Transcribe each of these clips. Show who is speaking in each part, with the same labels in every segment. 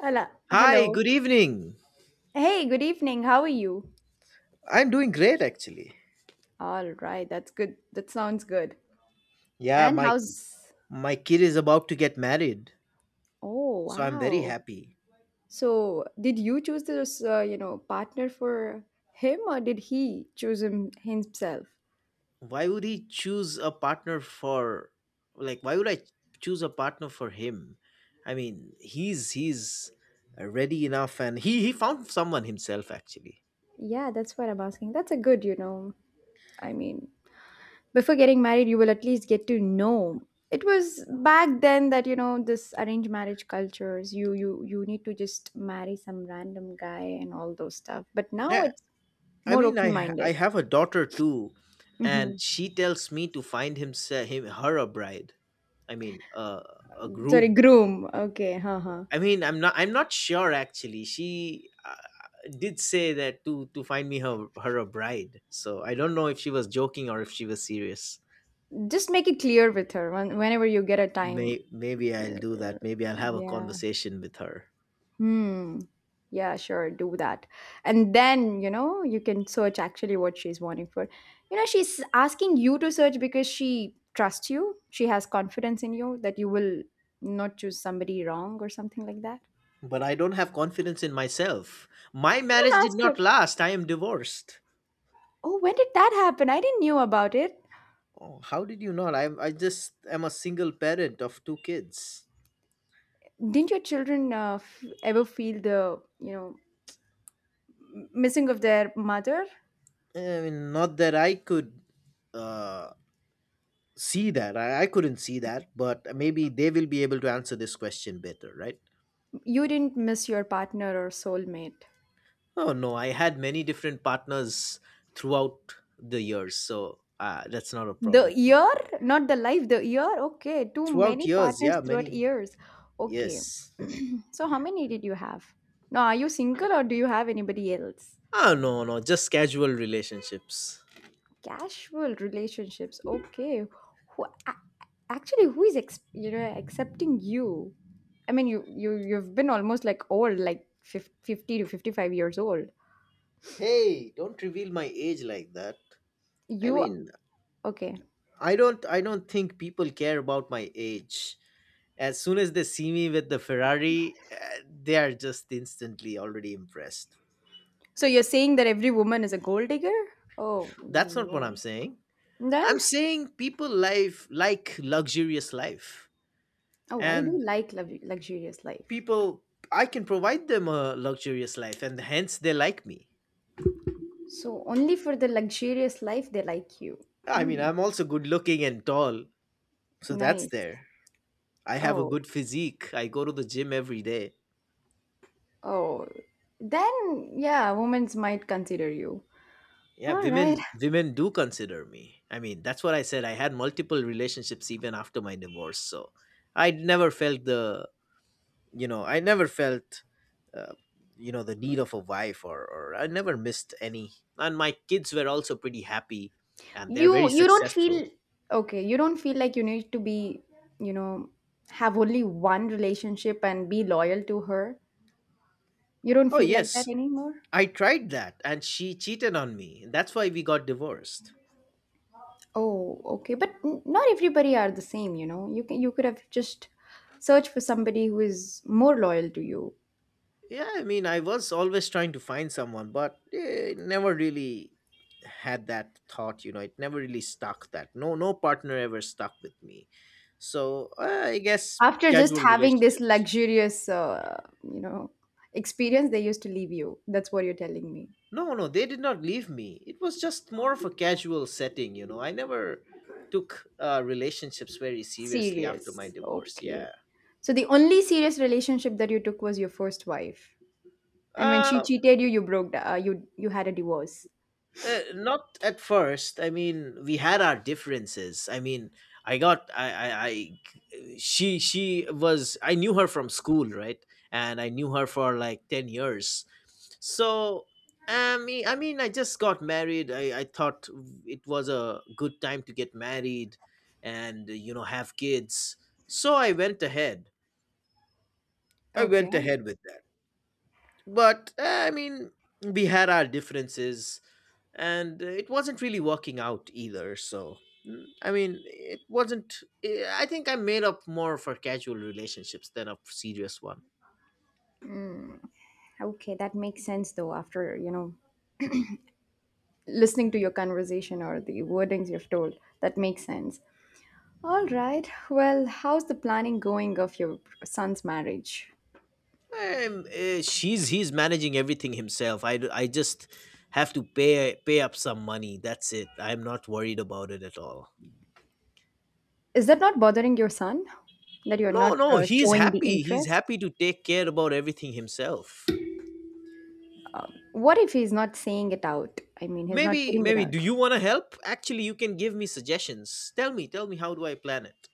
Speaker 1: Hello.
Speaker 2: Hi,
Speaker 1: Hello.
Speaker 2: good evening.
Speaker 1: Hey, good evening. How are you?
Speaker 2: I'm doing great actually.
Speaker 1: All right, that's good. That sounds good.
Speaker 2: Yeah,
Speaker 1: And
Speaker 2: my
Speaker 1: how's…
Speaker 2: my kid is about to get married,
Speaker 1: Oh,
Speaker 2: so I'm very
Speaker 1: wow.
Speaker 2: happy.
Speaker 1: So, did you choose this, partner for him, or did he choose him himself?
Speaker 2: Why would he choose a partner for like why would I choose a partner for him? I mean, he's ready enough and he found someone himself actually.
Speaker 1: Yeah, that's what I'm asking. That's a good, I mean, before getting married, you will at least get to know. It was back then that, you know, this arranged marriage cultures, you need to just marry some random guy and all those stuff. But now
Speaker 2: Yeah,
Speaker 1: it's…
Speaker 2: I
Speaker 1: More
Speaker 2: mean I
Speaker 1: open-minded.
Speaker 2: have a daughter too and
Speaker 1: Mhm.
Speaker 2: she tells me to find him, se- him her a bride. I mean, a
Speaker 1: Sorry,
Speaker 2: groom.
Speaker 1: groom. Okay, huh. huh.
Speaker 2: I mean, I'm not. I'm not sure actually. She did say that to find me her a bride. So I don't know if she was joking or if she was serious.
Speaker 1: Just make it clear with her whenever you get a time.
Speaker 2: Maybe I'll
Speaker 1: Yeah.
Speaker 2: do that. Maybe I'll have a
Speaker 1: Yeah.
Speaker 2: conversation with her.
Speaker 1: Hmm. Yeah, sure, do that. And then, you know, you can search actually what she's wanting for. You know, she's asking you to search because she trusts you. She has confidence in you that you will not choose somebody wrong or something like that.
Speaker 2: But I don't have confidence in myself. My marriage
Speaker 1: Then
Speaker 2: did
Speaker 1: ask her,
Speaker 2: not last. I am divorced.
Speaker 1: "Oh, when did that happen? I didn't knew about it."
Speaker 2: Oh, how did you not? I just am a single parent of two kids.
Speaker 1: Didn't your children ever feel the, missing of their mother?
Speaker 2: I mean, not that I could uh, see that. I couldn't see that, but maybe they will be able to answer this question better, right?
Speaker 1: You didn't miss your partner or soulmate?
Speaker 2: Oh no, I had many different partners throughout the years, so that's not a
Speaker 1: The
Speaker 2: problem.
Speaker 1: year, not the life, the year. Okay, too
Speaker 2: Throughout
Speaker 1: many
Speaker 2: years,
Speaker 1: partners
Speaker 2: yeah,
Speaker 1: throughout
Speaker 2: many,
Speaker 1: years. Okay.
Speaker 2: yes.
Speaker 1: So how many did you have? Now are you single, or do you have anybody else?
Speaker 2: No, just casual relationships.
Speaker 1: Casual relationships. Okay. who a- Actually, who is you know, accepting you? I mean, you've been almost like old, like 50 to 55 years old.
Speaker 2: Hey, don't reveal my age like that. I
Speaker 1: You…
Speaker 2: mean,
Speaker 1: okay.
Speaker 2: I don't think people care about my age. As soon as they see me with the Ferrari, they are just instantly already impressed.
Speaker 1: So you're saying that every woman is a gold digger? Oh,
Speaker 2: That's not what I'm
Speaker 1: no.
Speaker 2: saying.
Speaker 1: Then,
Speaker 2: I'm saying people life like luxurious life,
Speaker 1: oh, I do
Speaker 2: and
Speaker 1: like luxurious life.
Speaker 2: people I can provide them a luxurious life, and hence they like me.
Speaker 1: So only for the luxurious life they like you.
Speaker 2: I mean,
Speaker 1: Mm,
Speaker 2: I'm also good looking and tall, so that's
Speaker 1: nice.
Speaker 2: there. I have a
Speaker 1: Oh,
Speaker 2: good physique. I go to the gym every day.
Speaker 1: oh. Then, yeah, women might consider you.
Speaker 2: Yeah,
Speaker 1: All right.
Speaker 2: women do consider me. I mean, that's what I said. I had multiple relationships even after my divorce, so I never felt the I never felt uh, the need of a wife, or I never missed any. And my kids were also pretty happy, and they're
Speaker 1: You
Speaker 2: very
Speaker 1: you don't
Speaker 2: successful.
Speaker 1: feel… okay, you don't feel like you need to you know, have only one relationship and be loyal to her. You don't
Speaker 2: Oh
Speaker 1: feel like that
Speaker 2: yes,
Speaker 1: anymore?
Speaker 2: I tried that and she cheated on me. That's why we got divorced.
Speaker 1: Oh, okay. But not everybody are the same, you know. You could have just searched for somebody who is more loyal to you.
Speaker 2: Yeah, I mean I was always trying to find someone, but it never really had that thought, it never really stuck. That no no partner ever stuck with me, so I guess
Speaker 1: After just
Speaker 2: casual
Speaker 1: having this
Speaker 2: relationships.
Speaker 1: luxurious, experience, they used to leave you. That's what you're telling me.
Speaker 2: No, no, they did not leave me. It was just more of a casual setting, you know. I never took relationships very seriously after my
Speaker 1: Serious.
Speaker 2: divorce. Yeah.
Speaker 1: Okay. So the only serious relationship that you took was your first wife, and when she
Speaker 2: Uh,
Speaker 1: cheated you, you broke. You you had a divorce.
Speaker 2: not at first. I mean, we had our differences. I mean, I got, I She was, I knew her from school, right? And I knew her for like 10 years. So I mean, I just got married. I thought it was a good time to get married and you know have kids, so I
Speaker 1: Okay.
Speaker 2: went ahead with that. But I mean, we had our differences and it wasn't really working out either. So I mean, it wasn't eh, I think I made up more for casual relationships than a serious one.
Speaker 1: Okay, that makes sense though. After, you know, listening to your conversation or the wordings you've told, that makes sense. All right. Well, how's the planning going of your son's marriage?
Speaker 2: I'm, eh, she's He's managing everything himself. I just have to pay up some money. That's it. I'm not worried about it at all.
Speaker 1: Is that not bothering your son that you're
Speaker 2: No,
Speaker 1: not
Speaker 2: no, he's
Speaker 1: showing the
Speaker 2: happy. He's
Speaker 1: interest?
Speaker 2: happy to take care about everything himself.
Speaker 1: What if he's not saying it out? I mean, he's not
Speaker 2: maybe
Speaker 1: putting it
Speaker 2: maybe
Speaker 1: out.
Speaker 2: do you want to help actually. You can give me suggestions. Tell me how do I plan it.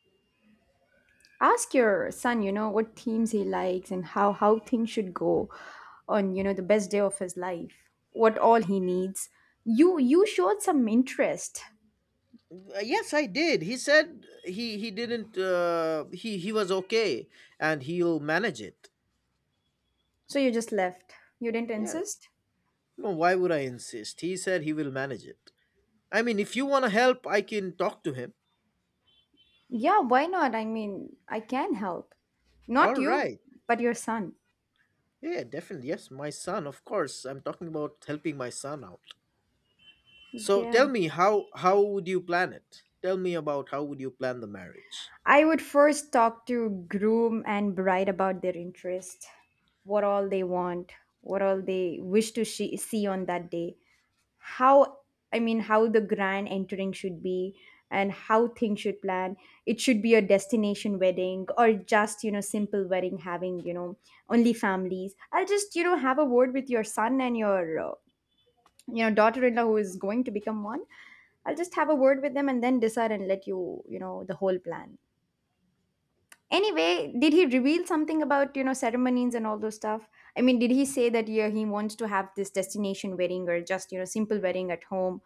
Speaker 1: Ask your son, you know, what themes he likes and how things should go on, you know, the best day of his life. What all he needs. You showed some interest,
Speaker 2: Yes, I did. He said he didn't. He was okay, and he'll manage it.
Speaker 1: so you just left. You didn't
Speaker 2: Yeah.
Speaker 1: insist.
Speaker 2: No, why would I insist? He said he will manage it. I mean, if you want to help, I can talk to him.
Speaker 1: Yeah, why not? I mean, I can help.
Speaker 2: All
Speaker 1: Not you,
Speaker 2: right.
Speaker 1: but your son.
Speaker 2: Yeah, definitely. Yes, my son. Of course, I'm talking about helping my son out. So
Speaker 1: Yeah.
Speaker 2: tell me how would you plan it? Tell me about how would you plan the marriage?
Speaker 1: I would first talk to groom and bride about their interest, what all they want, what all they wish to see on that day, how… I mean, how the grand entering should be and how things should plan. It should be a destination wedding, or just, you know, simple wedding having, you know, only families. I'll just, you know, have a word with your son and your daughter-in-law who is going to become one. I'll just have a word with them and then decide and let you, you know, the whole plan. Anyway, did he reveal something about, you know, ceremonies and all those stuff? I mean, did he say that yeah, he wants to have this destination wedding, or just, you know, simple wedding at home,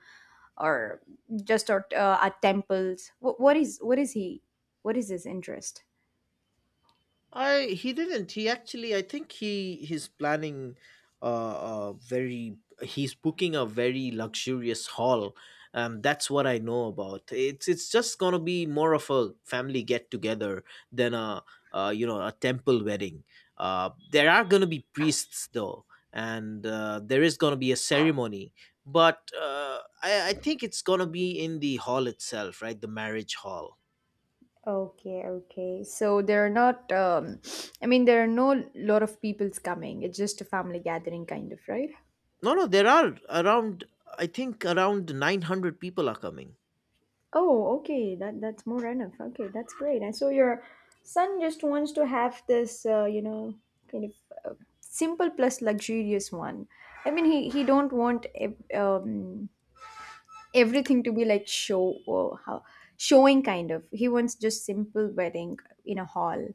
Speaker 1: or just at temples? What is he, what is his interest?
Speaker 2: I he didn't. He actually, I think he's planning a very. He's booking a very luxurious hall. That's what I know about. It's just gonna be more of a family get together than a you know, a temple wedding. There are gonna be priests though, and there is gonna be a ceremony. But I think it's gonna be in the hall itself, right? The marriage hall.
Speaker 1: Okay, okay, so there are not, um, I mean, there are no lot of peoples coming. It's just a family gathering kind of, right?
Speaker 2: No, no, there are around, I think around 900 people are coming.
Speaker 1: Oh, okay. That that's more enough. Okay, that's great. And so your son just wants to have this, kind of uh, simple plus luxurious one. I mean, he don't want everything to be like show or how showing kind of. He wants just simple wedding in a hall,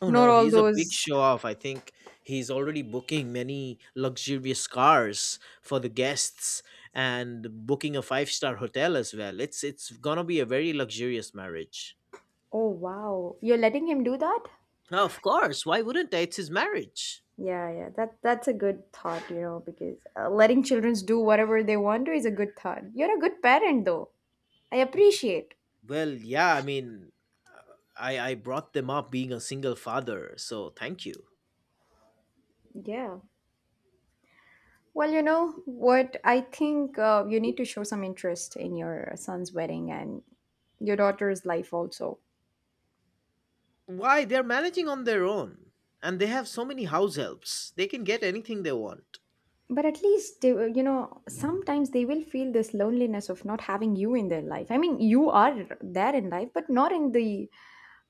Speaker 2: Oh
Speaker 1: not
Speaker 2: no,
Speaker 1: all
Speaker 2: he's a big
Speaker 1: those.
Speaker 2: show off. I think he's already booking many luxurious cars for the guests and booking a five-star hotel as well. It's gonna be a very luxurious marriage.
Speaker 1: Oh wow, you're letting him do that?
Speaker 2: Of course, why wouldn't I? It's his marriage.
Speaker 1: Yeah, yeah. That that's a good thought, you know, because letting children do whatever they want to is a good thought. You're a good parent, though. I appreciate.
Speaker 2: Well, yeah, I mean, I brought them up being a single father, so thank you.
Speaker 1: Yeah. Well, you know what? I think you need to show some interest in your son's wedding and your daughter's life also.
Speaker 2: Why? They're managing on their own. And they have so many house helps. They can get anything they want.
Speaker 1: But at least, you know, sometimes they will feel this loneliness of not having you in their life. I mean, you are there in life, but not in the,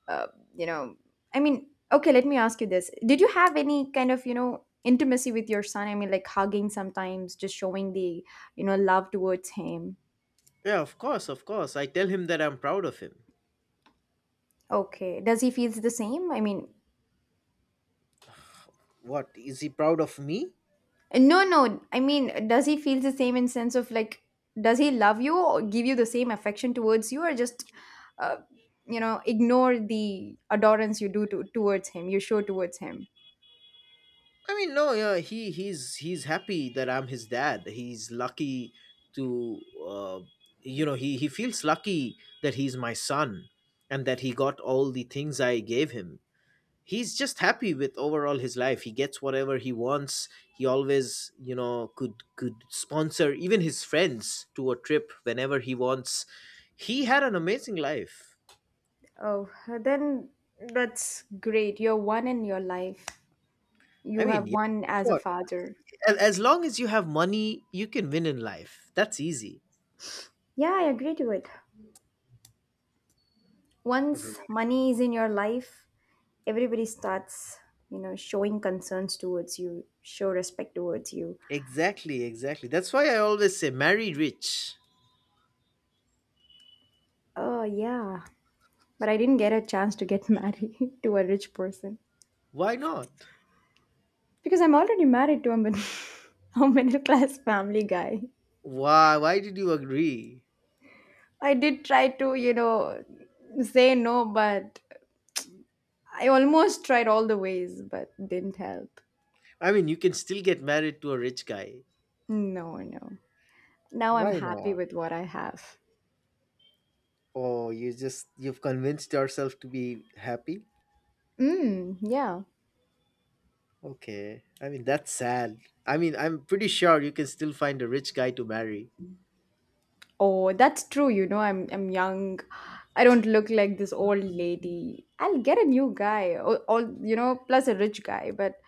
Speaker 1: uh, you know, I mean, okay, let me ask you this. Did you have any kind of, you know, intimacy with your son? I mean, like hugging sometimes, just showing the, you know, love towards him.
Speaker 2: Yeah, of course, of course. I tell him that I'm proud of him.
Speaker 1: Okay. Does he feels the same? I mean…
Speaker 2: What? Is he proud of me?
Speaker 1: No, no. I mean, does he feel the same in sense of like, does he love you or give you the same affection towards you, or just, uh, you know, ignore the adorance you do towards him, you show towards him?
Speaker 2: I mean, no, yeah, he's happy that I'm his dad. He's lucky to uh, you know, he feels lucky that he's my son and that he got all the things I gave him. He's just happy with overall his life. He gets whatever he wants. He always, you know, could sponsor even his friends to a trip whenever he wants. He had an amazing life.
Speaker 1: Oh, then that's great. You're one in your life.
Speaker 2: I
Speaker 1: You
Speaker 2: mean,
Speaker 1: have
Speaker 2: yeah,
Speaker 1: one
Speaker 2: that's
Speaker 1: as a
Speaker 2: what.
Speaker 1: father.
Speaker 2: As long as you have money, you can win in life. That's easy.
Speaker 1: Yeah, I agree to it. Once
Speaker 2: Right.
Speaker 1: money is in your life, everybody starts, you know, showing concerns towards you, show respect towards you.
Speaker 2: Exactly. That's why I always say marry rich.
Speaker 1: Oh, yeah. But I didn't get a chance to get married to a rich person
Speaker 2: Why not?
Speaker 1: because I'm already married to a a middle class family guy.
Speaker 2: Why did you agree?
Speaker 1: I did try to, you know, say no, but I almost tried all the ways, but didn't help.
Speaker 2: I mean, you can still get married to a rich guy.
Speaker 1: No, no. Now I'm
Speaker 2: Why
Speaker 1: happy
Speaker 2: not?
Speaker 1: with what I have.
Speaker 2: Oh, you just you've convinced yourself to be happy?
Speaker 1: Mm, yeah.
Speaker 2: Okay. I mean, that's sad. I mean, I'm pretty sure you can still find a rich guy to marry.
Speaker 1: Oh, that's true. You know, I'm young. I don't look like this old lady. I'll get a new guy, or you know, plus a rich guy, but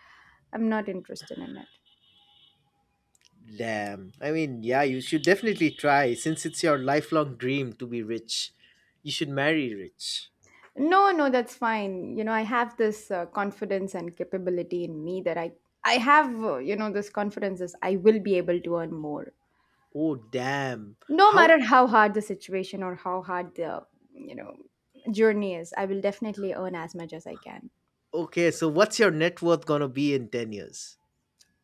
Speaker 1: I'm not interested in it.
Speaker 2: Damn. I mean, yeah, you should definitely try since it's your lifelong dream to be rich. You should marry rich.
Speaker 1: No, no, that's fine. You know, I have this confidence and capability in me that I have, you know, this confidence is I will be able to earn more.
Speaker 2: Oh, damn.
Speaker 1: No
Speaker 2: How.
Speaker 1: matter how hard the situation or how hard the, you know, journey is, I will definitely earn as much as I can.
Speaker 2: Okay, so what's your net worth going to be in 10 years?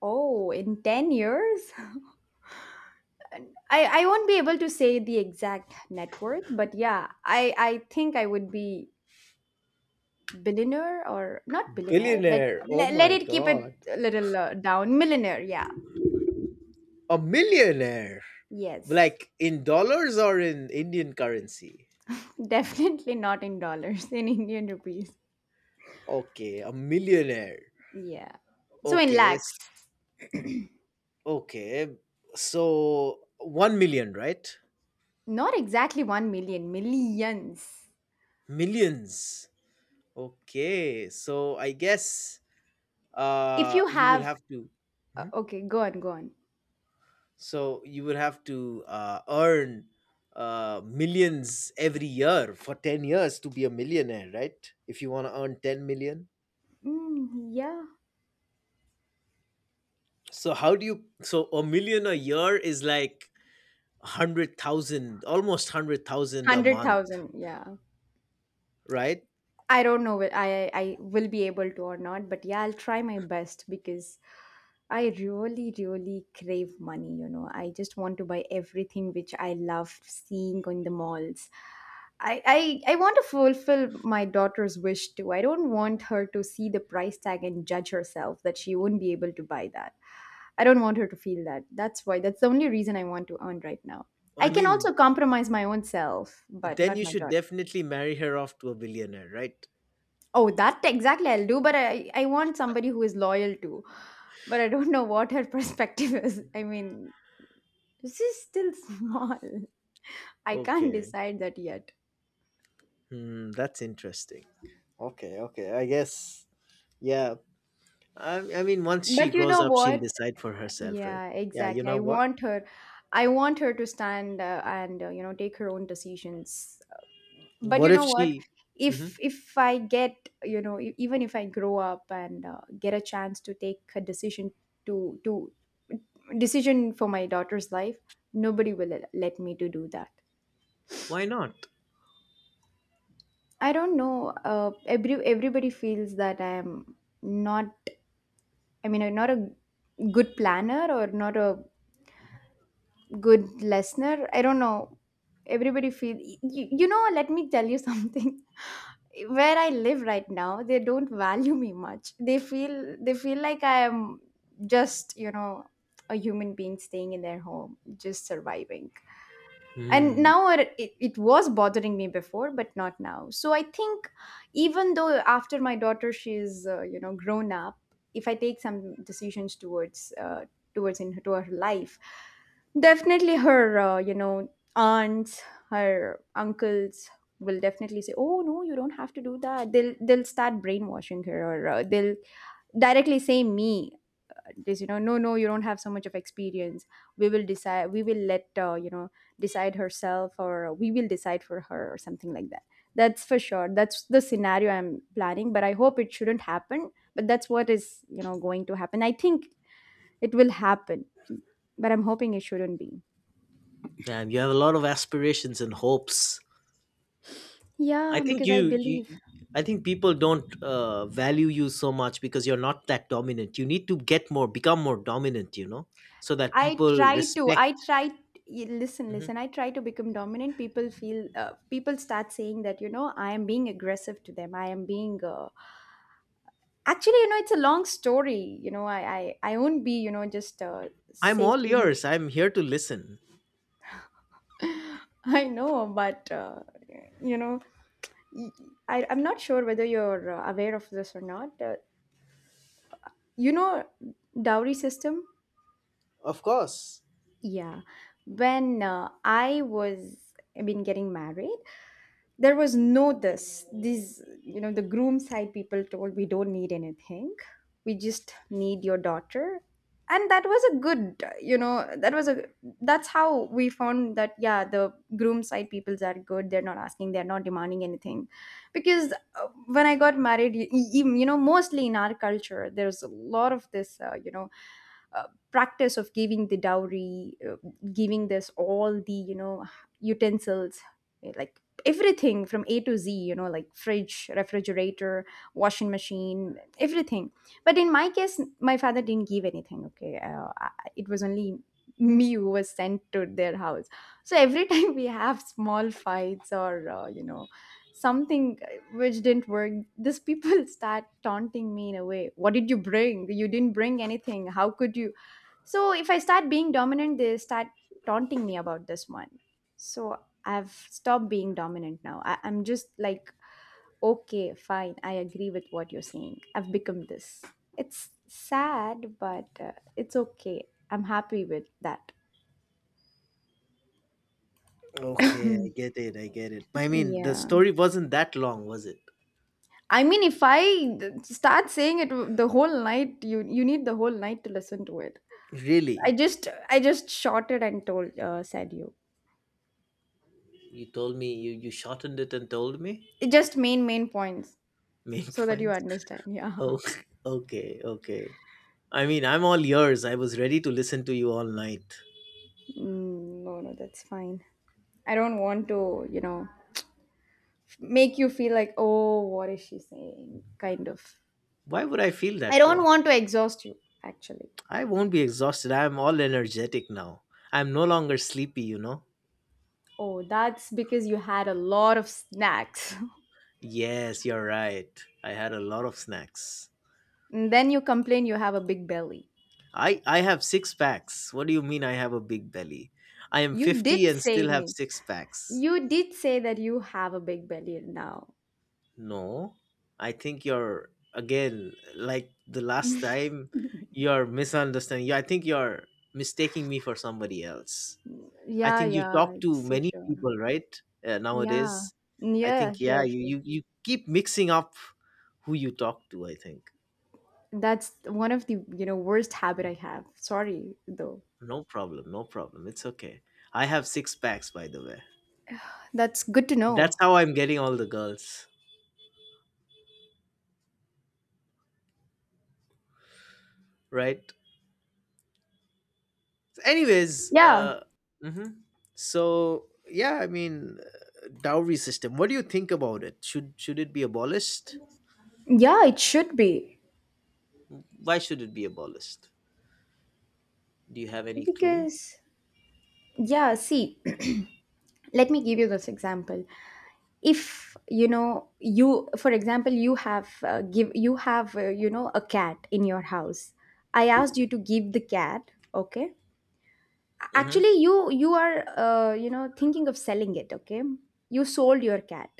Speaker 1: Oh, in 10 years? I won't be able to say the exact net worth, but yeah, I think I would be billionaire or not billionaire.
Speaker 2: Billionaire. Oh
Speaker 1: Let
Speaker 2: my
Speaker 1: it keep it
Speaker 2: god.
Speaker 1: a little down. Millionaire, yeah.
Speaker 2: A millionaire.
Speaker 1: Yes.
Speaker 2: Like in dollars or in Indian currency?
Speaker 1: Definitely not in dollars, in Indian rupees.
Speaker 2: Okay, a millionaire.
Speaker 1: Yeah. So in
Speaker 2: Okay.
Speaker 1: lakhs,
Speaker 2: s- Okay. So 1 million, right?
Speaker 1: not exactly 1 million, millions.
Speaker 2: Millions. Okay. So I guess
Speaker 1: If you
Speaker 2: you would
Speaker 1: have,
Speaker 2: have to Mhm.
Speaker 1: okay, go on, go on.
Speaker 2: So you would have to earn millions every year for 10 years to be a millionaire, right? If you want to earn 10 million.
Speaker 1: Mm, yeah.
Speaker 2: So how do you, so a million a year is like 100,000, almost 100,000 a month,
Speaker 1: 100,000, yeah.
Speaker 2: right?
Speaker 1: I don't know I will be able to or not, but yeah, I'll try my best because I really, really crave money, you know. I just want to buy everything which I love seeing in the malls. I, I want to fulfill my daughter's wish too. I don't want her to see the price tag and judge herself that she won't be able to buy that. I don't want her to feel that. That's the only reason I want to earn right now. I
Speaker 2: I
Speaker 1: can
Speaker 2: mean,
Speaker 1: also compromise my own self, but
Speaker 2: then
Speaker 1: not
Speaker 2: you
Speaker 1: my
Speaker 2: should
Speaker 1: daughter.
Speaker 2: definitely marry her off to a billionaire, right?
Speaker 1: Oh, that exactly I'll do, but I want somebody who is loyal to. But I don't know what her perspective is. I mean, this is still small. I can't
Speaker 2: Okay.
Speaker 1: decide that yet.
Speaker 2: Hmm, that's interesting. Okay, okay. I guess yeah. I mean once she
Speaker 1: But you
Speaker 2: grows
Speaker 1: know
Speaker 2: up, she'll
Speaker 1: what?
Speaker 2: decide for herself, right?
Speaker 1: Yeah,
Speaker 2: Yeah, you
Speaker 1: exactly.
Speaker 2: know
Speaker 1: I
Speaker 2: what?
Speaker 1: want her. I want her to stand and you know, take her own decisions. But
Speaker 2: What
Speaker 1: you
Speaker 2: if
Speaker 1: know what?
Speaker 2: she. Hmm.
Speaker 1: If I get, you know, even if I grow up and get a chance to take a decision to decision for my daughter's life, nobody will let me to do that.
Speaker 2: Why not?
Speaker 1: I don't know. Everybody feels that I am not… I mean, I'm not a good planner or not a good listener. I don't know. Everybody feel you, you know. Let me tell you something. Where I live right now, they don't value me much. They feel like I am just a human being staying in their home, just surviving. And
Speaker 2: Hmm.
Speaker 1: now it was bothering me before but not now, so I think even though after my daughter, she's grown up, if I take some decisions towards in to her life, definitely her aunts, her uncles will definitely say, "Oh no, you don't have to do that." They'll start brainwashing her, or they'll directly say me, just no, no, you don't have so much of experience. We will decide we will let decide herself, or we will decide for her, or something like that. That's for sure, that's the scenario I'm planning, but I hope it shouldn't happen, but that's what is going to happen, I think. It will happen, but I'm hoping it shouldn't be.
Speaker 2: Man, you have a lot of aspirations and hopes. I
Speaker 1: Yeah,
Speaker 2: think
Speaker 1: because I
Speaker 2: you, you
Speaker 1: believe.
Speaker 2: I think people don't value you so much because you're not that dominant. You need to become more dominant, you know, so that
Speaker 1: I
Speaker 2: people
Speaker 1: try to I
Speaker 2: respect.
Speaker 1: try y- Listen,
Speaker 2: Mhm.
Speaker 1: listen, I try to become dominant. People start saying that I am being aggressive to them, I am being actually, it's a long story. I won't be, just
Speaker 2: I'm
Speaker 1: say
Speaker 2: all
Speaker 1: things.
Speaker 2: ears. I'm here to listen.
Speaker 1: I know, but you know, y- I'm not sure whether you're aware of this or not. You know, Dowry system.
Speaker 2: Of course.
Speaker 1: Yeah, when I mean, getting married, there was no this these the groom side people told, "We don't need anything, we just need your daughter." And that was a good, you know that was a that's how we found that, yeah, the groom side peoples are good, they're not asking, they're not demanding anything. Because when I got married, mostly in our culture there's a lot of this uh, practice of giving the dowry, giving this all the utensils, like everything from a to z, like fridge, refrigerator, washing machine, everything. But in my case, my father didn't give anything, okay? It was only me who was sent to their house. So every time we have small fights or something which didn't work, these people start taunting me in a way, "What did you bring? You didn't bring anything. How could you?" So if I start being dominant, they start taunting me about this one. So I've stopped being dominant now. I'm just like, "Okay, fine, I agree with what you're saying." I've become this. It's sad, but it's okay. I'm happy with that.
Speaker 2: Okay, I get it. I get it. I mean, the
Speaker 1: yeah,
Speaker 2: story wasn't that long, was it?
Speaker 1: I mean, if I start saying it, the whole night, you need the whole night to listen to it. I
Speaker 2: Really?
Speaker 1: just I just shorted and told said you.
Speaker 2: You told me you shortened it and told me
Speaker 1: It just main points
Speaker 2: main
Speaker 1: so that you
Speaker 2: points.
Speaker 1: understand. Yeah.
Speaker 2: Oh, okay, okay. I mean, I'm all ears. I was ready to listen to you all night.
Speaker 1: Mm, no, no, that's fine. I don't want to, make you feel like, "Oh, what is she saying?" kind of.
Speaker 2: Why would I feel
Speaker 1: I
Speaker 2: that
Speaker 1: don't
Speaker 2: way?
Speaker 1: want to exhaust you, actually.
Speaker 2: I won't be exhausted. I'm all energetic now. I'm no longer sleepy, you know?
Speaker 1: Oh, that's because you had a lot of snacks.
Speaker 2: Yes, you're right. I had a lot of snacks.
Speaker 1: and then you complain you have a big belly.
Speaker 2: I have six packs. What do you mean I have a big belly? I am
Speaker 1: You
Speaker 2: 50
Speaker 1: did
Speaker 2: and
Speaker 1: say
Speaker 2: still have
Speaker 1: me.
Speaker 2: six packs.
Speaker 1: You did say that you have a big belly now.
Speaker 2: No. I think you're again like the last time you're misunderstanding. You I think you're mistaking me for somebody else. I
Speaker 1: Yeah,
Speaker 2: think you
Speaker 1: yeah,
Speaker 2: talk
Speaker 1: it's
Speaker 2: to
Speaker 1: so
Speaker 2: many
Speaker 1: sure.
Speaker 2: people, right?
Speaker 1: Yeah.
Speaker 2: Nowadays. I
Speaker 1: Yeah,
Speaker 2: think yeah,
Speaker 1: sure,
Speaker 2: you
Speaker 1: sure.
Speaker 2: you you keep mixing up who you talk to, I think.
Speaker 1: That's one of the, worst habit I have. Sorry, though.
Speaker 2: No problem, no problem. It's okay. I have six packs by the way.
Speaker 1: That's good to know.
Speaker 2: That's how I'm getting all the girls. Right, so anyways
Speaker 1: Yeah.
Speaker 2: mhm. So yeah, I mean, dowry system, what do you think about it? Should it be abolished?
Speaker 1: Yeah, it should be.
Speaker 2: Why should it be abolished? Do you have any clue?
Speaker 1: Because yeah, see, let me give you this example. If, you, for example, you have give you have, a cat in your house. I asked you to give the cat, okay?
Speaker 2: Hmm,
Speaker 1: Actually, you are, thinking of selling it, okay? You sold your cat.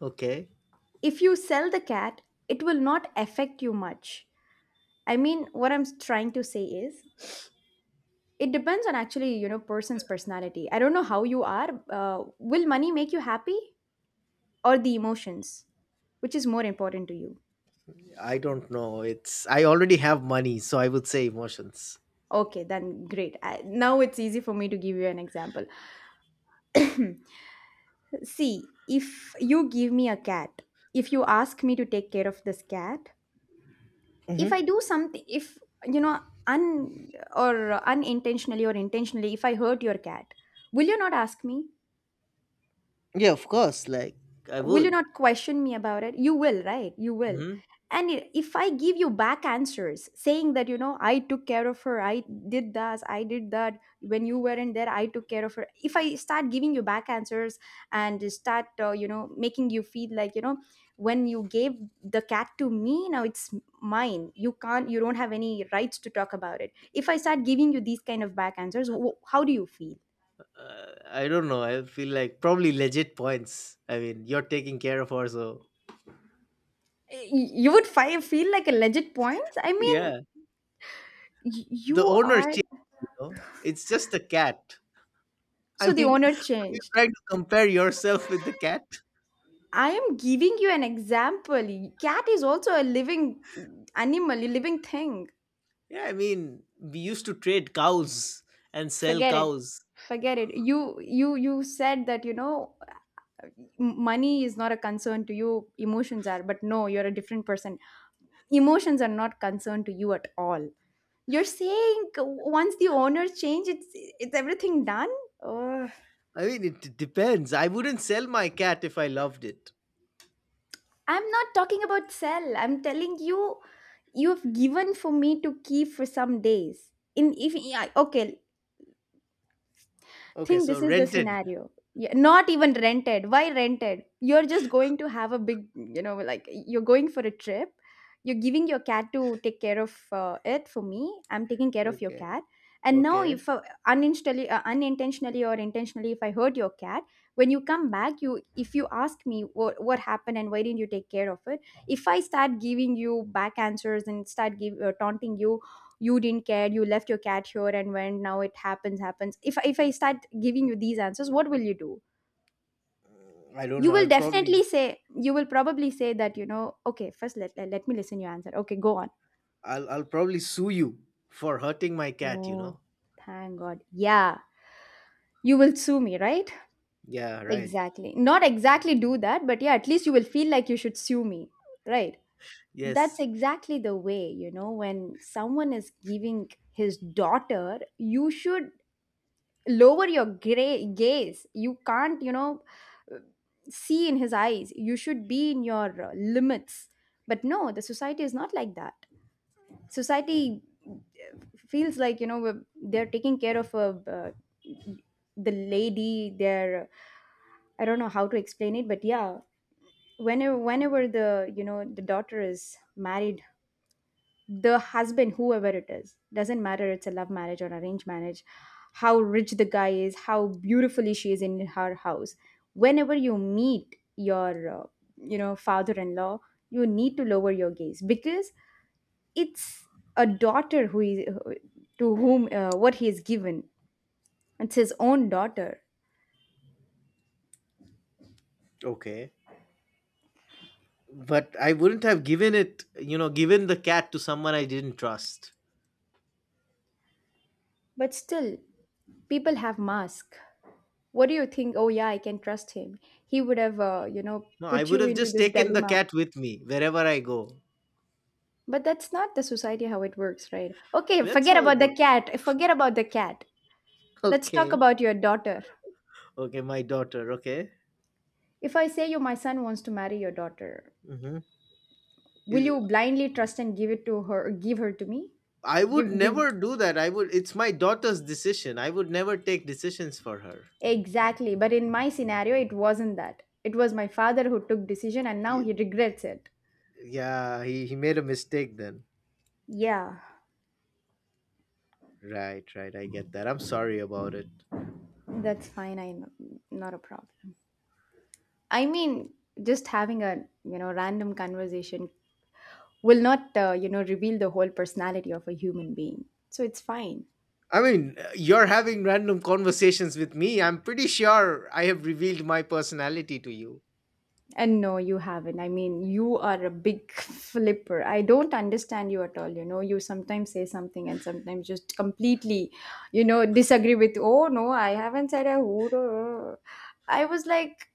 Speaker 2: okay.
Speaker 1: If you sell the cat, it will not affect you much. I mean, what I'm trying to say is, it depends on, actually, person's personality. I don't know how you are. Will money make you happy, or the emotions? Which is more important to you?
Speaker 2: I don't know it's I already have money, so I would say emotions.
Speaker 1: Okay, then great. Now it's easy for me to give you an example. See, if you give me a cat, if you ask me to take care of this cat, if I
Speaker 2: Hmm.
Speaker 1: do something, if you know un or unintentionally or intentionally, if I hurt your cat, will
Speaker 2: Yeah, of course. like i
Speaker 1: you
Speaker 2: would
Speaker 1: not question me about it? You will, right? You will.
Speaker 2: Hmm.
Speaker 1: And if I give you back answers saying that, I took care of her, I did this, I did that, when you weren't there I took care of her. If I start giving you back answers and start making you feel like, when you gave the cat to me, now it's mine, you don't have any rights to talk about it, if I start giving you these kind of back answers, how do you feel?
Speaker 2: Uh, I don't know. I feel like probably legit points. I mean, you're taking care of her, so
Speaker 1: You would feel like a legit point, I mean.
Speaker 2: yeah. The
Speaker 1: You
Speaker 2: owner,
Speaker 1: are.
Speaker 2: you know? It's just a cat. I
Speaker 1: So the
Speaker 2: mean,
Speaker 1: owner
Speaker 2: are you
Speaker 1: changed.
Speaker 2: trying to compare yourself with the cat?
Speaker 1: I am giving you an example. Cat is also a living animal, a living thing.
Speaker 2: Yeah, I mean, we used to trade cows and sell
Speaker 1: Forget it.
Speaker 2: cows.
Speaker 1: Forget it. You said that, money is not a concern to you, emotions are, but no, you're a different person. Emotions are not concern to you at all. You're saying once the owner change, it's everything done? Oh.
Speaker 2: I mean, it depends. I wouldn't sell my cat if I loved it.
Speaker 1: I'm not talking about sell. I'm telling you, you've given for me to keep for some days. In If, yeah, okay,
Speaker 2: Okay,
Speaker 1: think
Speaker 2: so
Speaker 1: this is the
Speaker 2: rented.
Speaker 1: scenario, yeah, not even rented, why rented? You're just going to have a big, like, you're going for a trip, you're giving your cat to take care of it for me. I'm taking care of your
Speaker 2: Okay,
Speaker 1: cat, and now
Speaker 2: okay.
Speaker 1: if unintentionally, or intentionally, if I hurt your cat, when you come back, you if you ask me, what happened and why didn't you take care of it, if I start giving you back answers and start taunting you, "You didn't care, you left your cat here and went, now it happens if I start giving you these answers, what will you do?
Speaker 2: Mm, I don't know.
Speaker 1: you
Speaker 2: I'll
Speaker 1: will
Speaker 2: probably,
Speaker 1: definitely say you will probably say that, "Okay, first let me listen your answer, okay, go on."
Speaker 2: I'll, I'll probably sue you for hurting my cat. You know?
Speaker 1: Oh, thank God, yeah. You will sue me, right?
Speaker 2: Yeah, right.
Speaker 1: Exactly, not exactly do that, but yeah, at least you will feel like you should sue me, right? That's
Speaker 2: Yes.
Speaker 1: exactly the way, when someone is giving his daughter, you should lower your gray gaze, you can't, see in his eyes, you should be in your limits. But no, the society is not like that. Society uh, feels like, they're taking care of uh, the lady, they're, I don't know how to explain it, but yeah, whenever the you know the daughter is married, the husband, whoever it is, doesn't matter, it's a love marriage or arranged marriage, how rich the guy is, how beautifully she is in her house, whenever you meet your father-in-law, you need to lower your gaze because it's a daughter who is, to whom what he is given, it's his own daughter.
Speaker 2: Okay. But I wouldn't have given it, given the cat to someone I didn't trust.
Speaker 1: But still, people have mask. What do you think? Oh yeah, I can trust him. He would have
Speaker 2: No, I
Speaker 1: put
Speaker 2: would
Speaker 1: you
Speaker 2: have
Speaker 1: into
Speaker 2: just
Speaker 1: this
Speaker 2: taken the
Speaker 1: dilemma.
Speaker 2: cat with me wherever I go.
Speaker 1: But that's not the society how it works, right? Okay,
Speaker 2: That's
Speaker 1: forget
Speaker 2: how it
Speaker 1: about the
Speaker 2: works.
Speaker 1: cat. Forget about the cat. Let's talk
Speaker 2: Okay.
Speaker 1: about your daughter.
Speaker 2: Okay, my daughter. Okay.
Speaker 1: If I say you, my son wants to marry your daughter,
Speaker 2: Mm-hmm.
Speaker 1: will
Speaker 2: Is,
Speaker 1: you blindly trust and give her to me?
Speaker 2: I would
Speaker 1: Give
Speaker 2: never do that. I would. It's my daughter's decision. I would never take decisions for her.
Speaker 1: exactly. But in my scenario it wasn't that. It was my father who took decision and now
Speaker 2: Y-
Speaker 1: he regrets it.
Speaker 2: Yeah, he made a mistake then.
Speaker 1: Yeah,
Speaker 2: Right, right. I get that. I'm sorry about it.
Speaker 1: that's fine. I know. Not a problem. I mean, just having a, random conversation will not reveal the whole personality of a human being, so it's fine.
Speaker 2: I mean, you're having random conversations with me. I'm pretty sure I have revealed my personality to you.
Speaker 1: And no, you haven't. I mean, you are a big flipper, I don't understand you at all, you sometimes say something and sometimes just completely disagree with, "Oh no, I haven't said I would," or i was like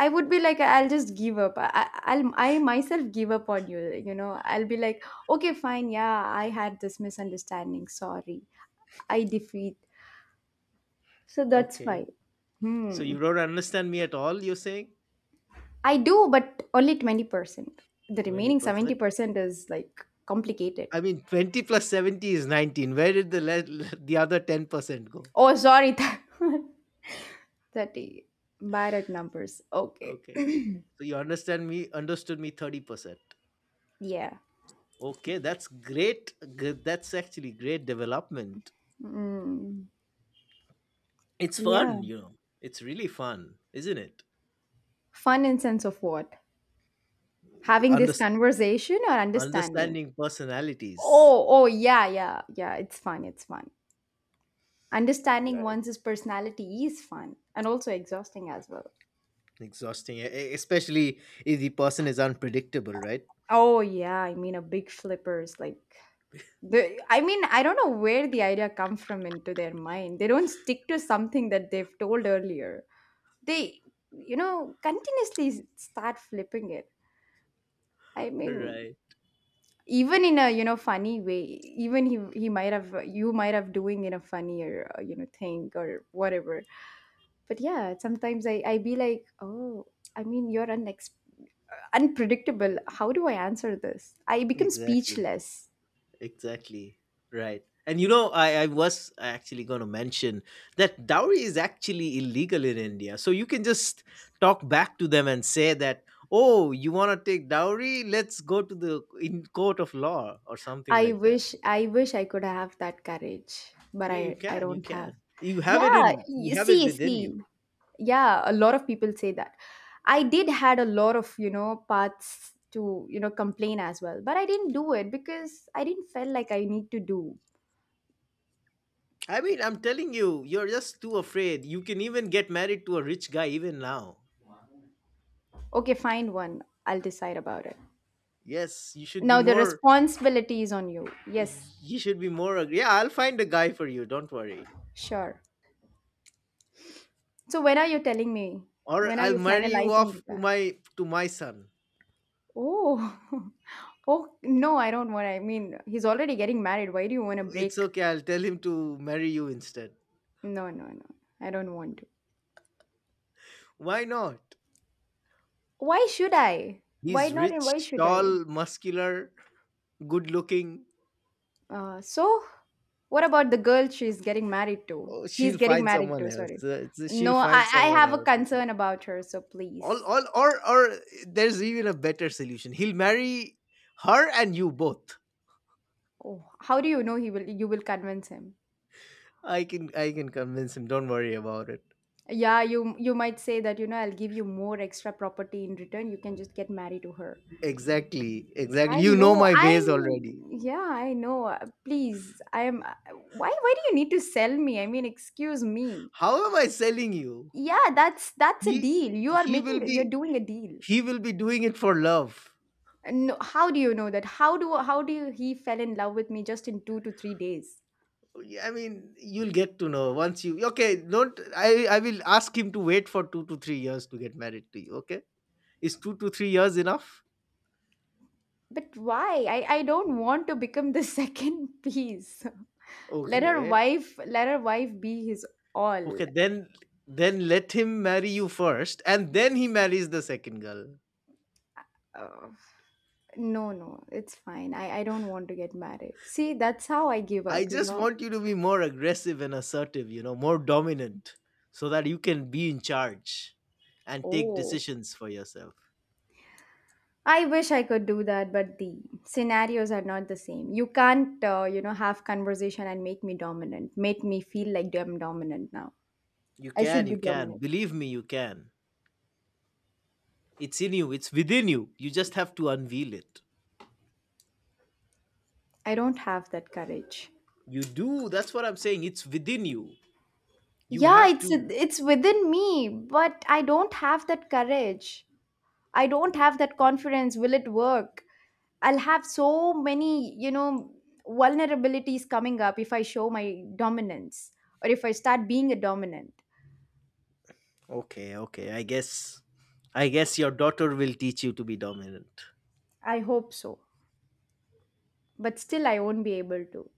Speaker 1: I would be like, I'll just give up. I, myself, give up on you, you know I'll be like, "Okay, fine, yeah, I had this misunderstanding, sorry. I defeat." So that's
Speaker 2: Okay.
Speaker 1: why.
Speaker 2: So
Speaker 1: Hmm.
Speaker 2: you don't understand me at all, you're saying?
Speaker 1: I do, but only 20%. The remaining
Speaker 2: 20%.
Speaker 1: 70% is like complicated.
Speaker 2: I mean, 20 plus 70 is 19. Where did the le- the other 10% go?
Speaker 1: Oh, sorry. 30. Bad at numbers. Okay.
Speaker 2: Okay, okay. So you understood me 30%.
Speaker 1: Yeah.
Speaker 2: Okay, that's great. That's actually great development.
Speaker 1: Mm.
Speaker 2: It's
Speaker 1: Yeah.
Speaker 2: fun, It's really fun, isn't it?
Speaker 1: Fun in sense of what?
Speaker 2: Y-
Speaker 1: Having this
Speaker 2: Underst-
Speaker 1: conversation or understanding?
Speaker 2: Understanding personalities,
Speaker 1: Oh, oh, yeah, yeah, yeah. It's fun. It's fun. Understanding
Speaker 2: right?
Speaker 1: one's personality is fun and also exhausting as well.
Speaker 2: Exhausting, especially if the person is unpredictable, right?
Speaker 1: Oh yeah, I mean, a big flippers like, I mean, I don't know where the idea come from into their mind. They don't stick to something that they've told earlier. They continuously start flipping it. I mean,
Speaker 2: Right.
Speaker 1: even in a funny way. Even he might have you might have doing in a funnier thing or whatever. But yeah, sometimes I be like, "Oh, I mean, you're unpredictable. How do I answer this?" I become
Speaker 2: Exactly.
Speaker 1: speechless.
Speaker 2: Exactly. Right. And you know, I was actually going to mention that dowry is actually illegal in India. So you can just talk back to them and say that, oh, you want to take dowry? Let's go to the in court of law or something
Speaker 1: I
Speaker 2: like that.
Speaker 1: wish I wish I could have that courage, but
Speaker 2: Yeah, you
Speaker 1: I
Speaker 2: can. You
Speaker 1: don't have.
Speaker 2: can. You have
Speaker 1: Yeah,
Speaker 2: you
Speaker 1: you
Speaker 2: have it
Speaker 1: see,
Speaker 2: within you.
Speaker 1: see. Yeah, a lot of people say that. I did had a lot of, paths to, complain as well, but I didn't do it because I didn't feel like I need to do.
Speaker 2: I mean, I'm telling you, you're just too afraid. You can even get married to a rich guy even now.
Speaker 1: Okay, find one. I'll decide about it.
Speaker 2: Yes, you should be
Speaker 1: Now the
Speaker 2: more,
Speaker 1: responsibility is on you. Yes,
Speaker 2: you should be Yeah, I'll find a guy for you. Don't worry.
Speaker 1: sure. So when are you telling me?
Speaker 2: Or
Speaker 1: When are
Speaker 2: I'll
Speaker 1: you
Speaker 2: marry you
Speaker 1: finalizing the
Speaker 2: off to
Speaker 1: car?
Speaker 2: my son.
Speaker 1: Oh, oh no, I don't want. I mean, he's already getting married. Why do you want to
Speaker 2: It's
Speaker 1: break?
Speaker 2: okay. I'll tell him to marry you instead.
Speaker 1: No, no, no. I don't want to.
Speaker 2: Why not?
Speaker 1: Why should I? Why
Speaker 2: He's
Speaker 1: not? And why
Speaker 2: rich,
Speaker 1: should I?
Speaker 2: tall, muscular, good looking.
Speaker 1: So, what about the girl she's getting married to?
Speaker 2: Oh,
Speaker 1: He's
Speaker 2: she'll
Speaker 1: getting
Speaker 2: find
Speaker 1: married
Speaker 2: someone
Speaker 1: to.
Speaker 2: else.
Speaker 1: Sorry.
Speaker 2: She'll
Speaker 1: No,
Speaker 2: find
Speaker 1: I
Speaker 2: someone
Speaker 1: have a
Speaker 2: else.
Speaker 1: concern about her. So
Speaker 2: All,
Speaker 1: please.
Speaker 2: all, or, or there's even a better solution. He'll marry her and you both.
Speaker 1: Oh, how do you know he will? You will convince him.
Speaker 2: I can convince him. Don't worry about it.
Speaker 1: Yeah, you might say that, I'll give you more extra property in return. You can just get married to her.
Speaker 2: Exactly, exactly.
Speaker 1: I
Speaker 2: You know
Speaker 1: know.
Speaker 2: my ways
Speaker 1: I
Speaker 2: already.
Speaker 1: Yeah, I know. Please, I am. Why? Why do you need to sell me? I mean, excuse me.
Speaker 2: How am I selling you?
Speaker 1: Yeah, that's a
Speaker 2: He,
Speaker 1: deal. You are
Speaker 2: he will
Speaker 1: making. You're doing a deal.
Speaker 2: be doing it for love.
Speaker 1: No, how do you know that? He fell in love with me just in 2 to 3 days?
Speaker 2: Yeah, I mean you'll get to know once you okay don't i I will ask him to wait for 2 to 3 years to get married to you. Okay, is 2 to 3 years enough?
Speaker 1: But why? I don't want to become the second piece. Let her
Speaker 2: Okay.
Speaker 1: wife. Let her wife be his all.
Speaker 2: Okay, then let him marry you first and then he marries the second girl.
Speaker 1: Uh, no, no, it's fine. I don't want to get married. See, that's how I give
Speaker 2: I
Speaker 1: up. You
Speaker 2: just
Speaker 1: know.
Speaker 2: want you to be more aggressive and assertive, you know, more dominant, so that you can be in charge and take
Speaker 1: Oh.
Speaker 2: decisions for yourself.
Speaker 1: I wish I could do that, but the scenarios are not the same. You can't, have conversation and make me dominant, make me feel like I'm dominant now.
Speaker 2: You
Speaker 1: I
Speaker 2: can,
Speaker 1: should
Speaker 2: you
Speaker 1: be
Speaker 2: can
Speaker 1: dominant.
Speaker 2: believe me, you can. It's in you, it's within you. You just have to unveil it.
Speaker 1: I don't have that courage.
Speaker 2: You do, that's what I'm saying. It's within you. You
Speaker 1: Yeah,
Speaker 2: have
Speaker 1: it's
Speaker 2: to.
Speaker 1: it's within me, but I don't have that courage. I don't have that confidence. Will it work? I'll have so many, vulnerabilities coming up if I show my dominance or if I start being a dominant.
Speaker 2: Okay, okay. I guess your daughter will teach you to be dominant.
Speaker 1: I hope so, but still I won't be able to.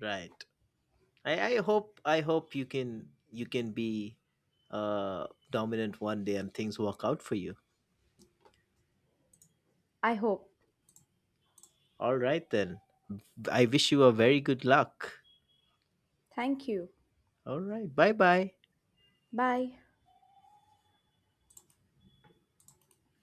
Speaker 2: Right. I hope you can be dominant one day and things work out for you.
Speaker 1: I hope.
Speaker 2: All right, then. I wish you a very good luck.
Speaker 1: Thank you.
Speaker 2: All right. Bye bye.
Speaker 1: Bye.